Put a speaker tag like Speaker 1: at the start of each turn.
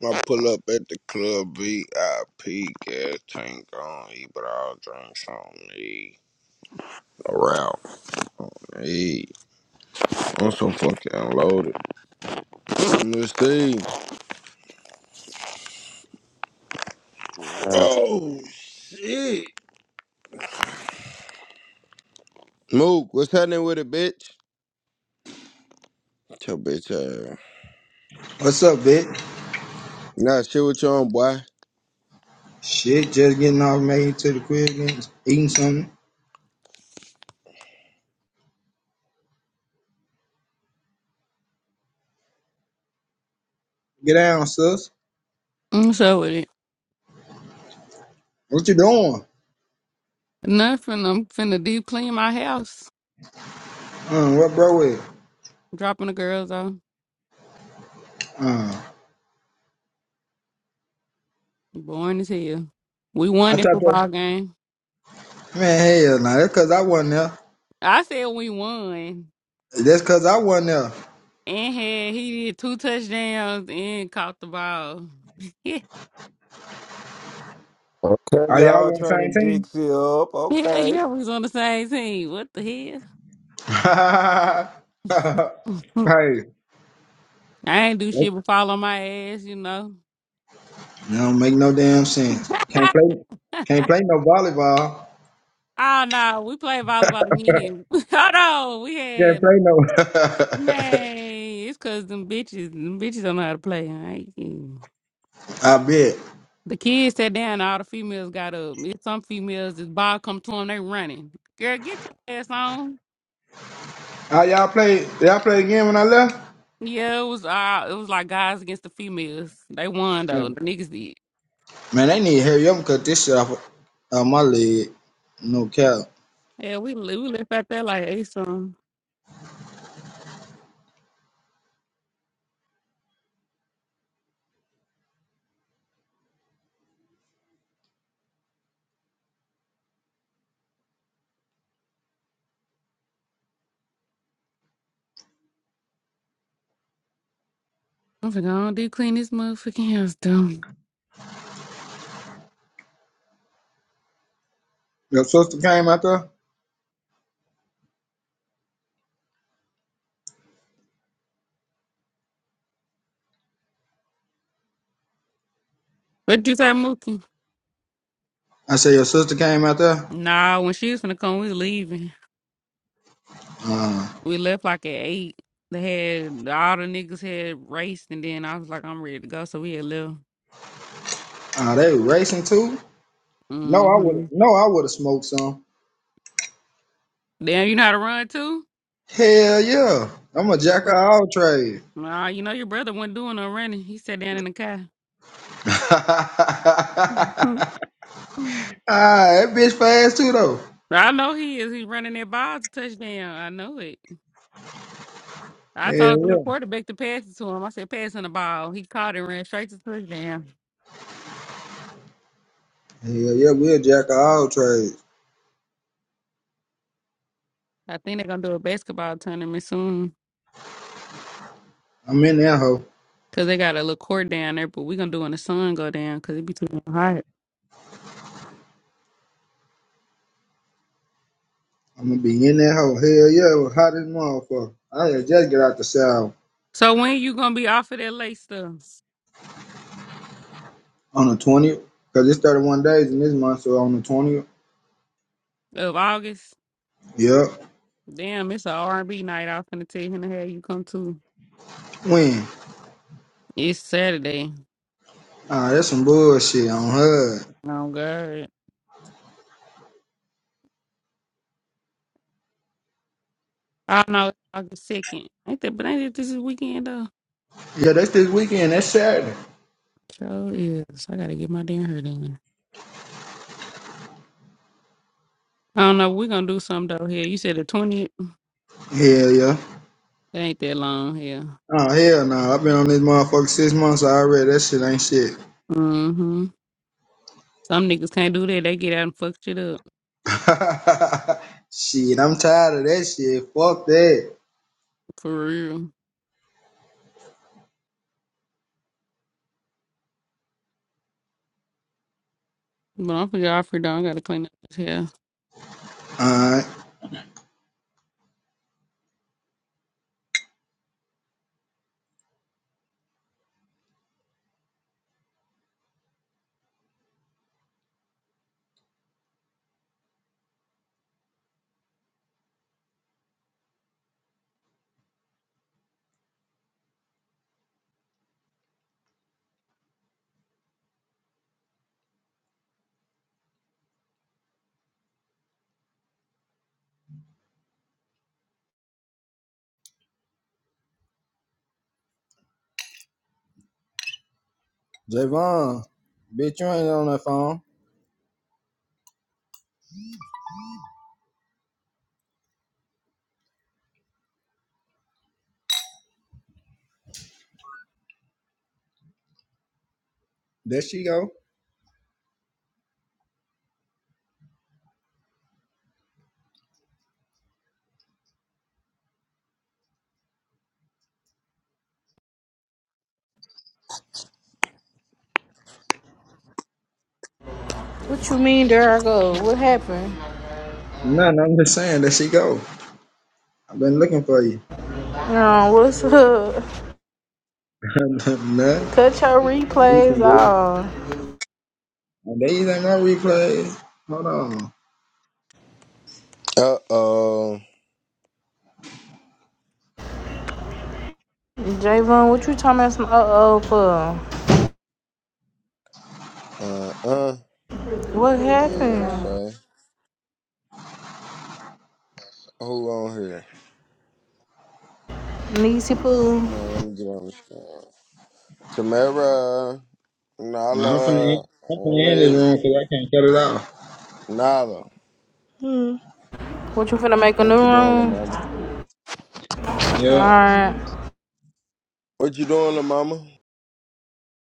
Speaker 1: I pull up at the club VIP, gas tank on E, but all drinks on me. Around me. I'm so fucking unloaded. Miss Steve.
Speaker 2: Yeah.
Speaker 1: Oh, shit. Mook, what's happening with it, bitch? Tell bitch ass.
Speaker 3: What's up, Vic?
Speaker 1: Nah, shit with your own boy.
Speaker 3: Shit, just getting off made to the crib and eating something. Get down, sus.
Speaker 4: I'm sure with it.
Speaker 3: What you doing?
Speaker 4: Nothing. I'm finna deep clean my house.
Speaker 3: Uh, what bro with?
Speaker 4: Dropping the girls off.
Speaker 3: Uh,
Speaker 4: Boring as hell. We won
Speaker 3: I thought
Speaker 4: the
Speaker 3: that.
Speaker 4: football game.
Speaker 3: Man, hell nah. That's cause I wasn't there.
Speaker 4: I said we won.
Speaker 3: That's cause I wasn't there.
Speaker 4: And had he did two touchdowns and caught the ball.
Speaker 5: Okay,
Speaker 3: Are y'all
Speaker 5: y'all
Speaker 3: on the
Speaker 5: turning
Speaker 3: same
Speaker 5: Dixie up.
Speaker 4: Yeah, yeah,
Speaker 5: Okay.
Speaker 4: yeah. We was on the same team. What the hell?
Speaker 3: team? hey. It
Speaker 4: I ain't do shit but fall on my ass, you know.
Speaker 3: don't make no damn
Speaker 4: oh
Speaker 3: sense. Can't play can't play no volleyball.
Speaker 4: no, we played volleyball again. Hold on, we
Speaker 3: Yeah,
Speaker 4: had
Speaker 3: no.
Speaker 4: man. It's cause them bitches, them bitches don't know how to play. I ain't kidding.
Speaker 3: I bet.
Speaker 4: The kids sat down. All the females got up. It's some females. This ball come to them, they running. Girl, get your ass on.
Speaker 3: How y'all play y'all play again when I left?
Speaker 4: Yeah, it was uh, it was like guys against the females. They won though. The niggas did.
Speaker 3: Man, they need to hurry up and cut this shit off of my leg. No cap.
Speaker 4: Yeah, we li- we left out there like hey, son. I'm finna go on do clean this motherfucking house down.
Speaker 3: Your sister came out there?
Speaker 4: What you say, Mookie?
Speaker 3: I said your sister came out there?
Speaker 4: Nah, when she was finna come, we was leaving.
Speaker 3: Uh,
Speaker 4: We left like at eight. They had all the niggas had raced, and then I was like, I'm ready to go, so we had left.
Speaker 3: are they racing too? No, I would
Speaker 4: Mm-hmm.
Speaker 3: have no, I would have smoked some.
Speaker 4: Damn, you know how to run
Speaker 3: Hell yeah. I'm a jack of
Speaker 4: too.
Speaker 3: all trades.
Speaker 4: Nah, you know your brother wasn't doing no running. He sat down in the car.
Speaker 3: ah, that bitch fast too though.
Speaker 4: I know he is. He's running that ball to touchdown. I know it. I
Speaker 3: Hell
Speaker 4: told the little
Speaker 3: yeah.
Speaker 4: quarterback to pass it to him. I said, passing the ball. He caught it, ran straight to touchdown.
Speaker 3: Hell yeah, we a jack of all trades.
Speaker 4: I think they're going to do a basketball tournament soon
Speaker 3: I'm in that hoe.
Speaker 4: because they got a little court down there, but we're going to do when the sun go down because it be too damn hot.
Speaker 3: I'm gonna be in that hoe. Hell yeah, it was hot as a motherfucker. I had just get out the shower.
Speaker 4: So when you going to be off of that late stuff
Speaker 3: On the twentieth, cause it's thirty-one days in this month, so on the twentieth.
Speaker 4: of August?
Speaker 3: Yep.
Speaker 4: Damn, it's a R&B night i off gonna tell him to have you come too.
Speaker 3: When?
Speaker 4: It's Saturday.
Speaker 3: Ah, that's some bullshit on her.
Speaker 4: Oh, God. I don't know. August second. Ain't that? But ain't it this is weekend though?
Speaker 3: Yeah, that's this weekend. That's Saturday.
Speaker 4: Sure is. I gotta get my damn hair done. I don't know. We're gonna do something though. Here, you said the twentieth.
Speaker 3: Hell yeah.
Speaker 4: That ain't that long. here?
Speaker 3: Oh hell no! I've been on this motherfucker six months already. That shit ain't shit.
Speaker 4: Mm-hmm. Some niggas can't do that. They get out and fuck shit up
Speaker 3: shit, I'm tired of that shit. Fuck that.
Speaker 4: for real. But I'm for y'all for done. I gotta clean up this hair.
Speaker 3: Alright. Javon, bitch, you ain't on that phone. There she go.
Speaker 6: What you mean there I go? What happened?
Speaker 3: Nothing, I'm just saying, there she go. I've been looking for you.
Speaker 6: No, what's up?
Speaker 3: Nothing.
Speaker 6: Cut your replays
Speaker 3: Ethan, boy.
Speaker 6: off.
Speaker 3: And These ain't my replays. Hold on.
Speaker 1: Uh oh.
Speaker 6: Javon, what you talking about some uh-oh for?
Speaker 1: Uh uh.
Speaker 6: What
Speaker 1: I ain't gonna
Speaker 6: happened?
Speaker 1: say. Who on here?
Speaker 6: Niecy Poo,
Speaker 1: Man, let me get on the screen. Tamara,
Speaker 3: Nah, I'm finna,
Speaker 1: Nala,
Speaker 3: end- I'm finna end this
Speaker 1: me,
Speaker 3: room because I can't cut it off.
Speaker 1: Nala.
Speaker 7: Hmm.
Speaker 6: what you finna make a new
Speaker 1: What you doing, little
Speaker 6: room?
Speaker 1: mama?
Speaker 3: Yeah.
Speaker 6: Alright.
Speaker 1: What you doing, little mama?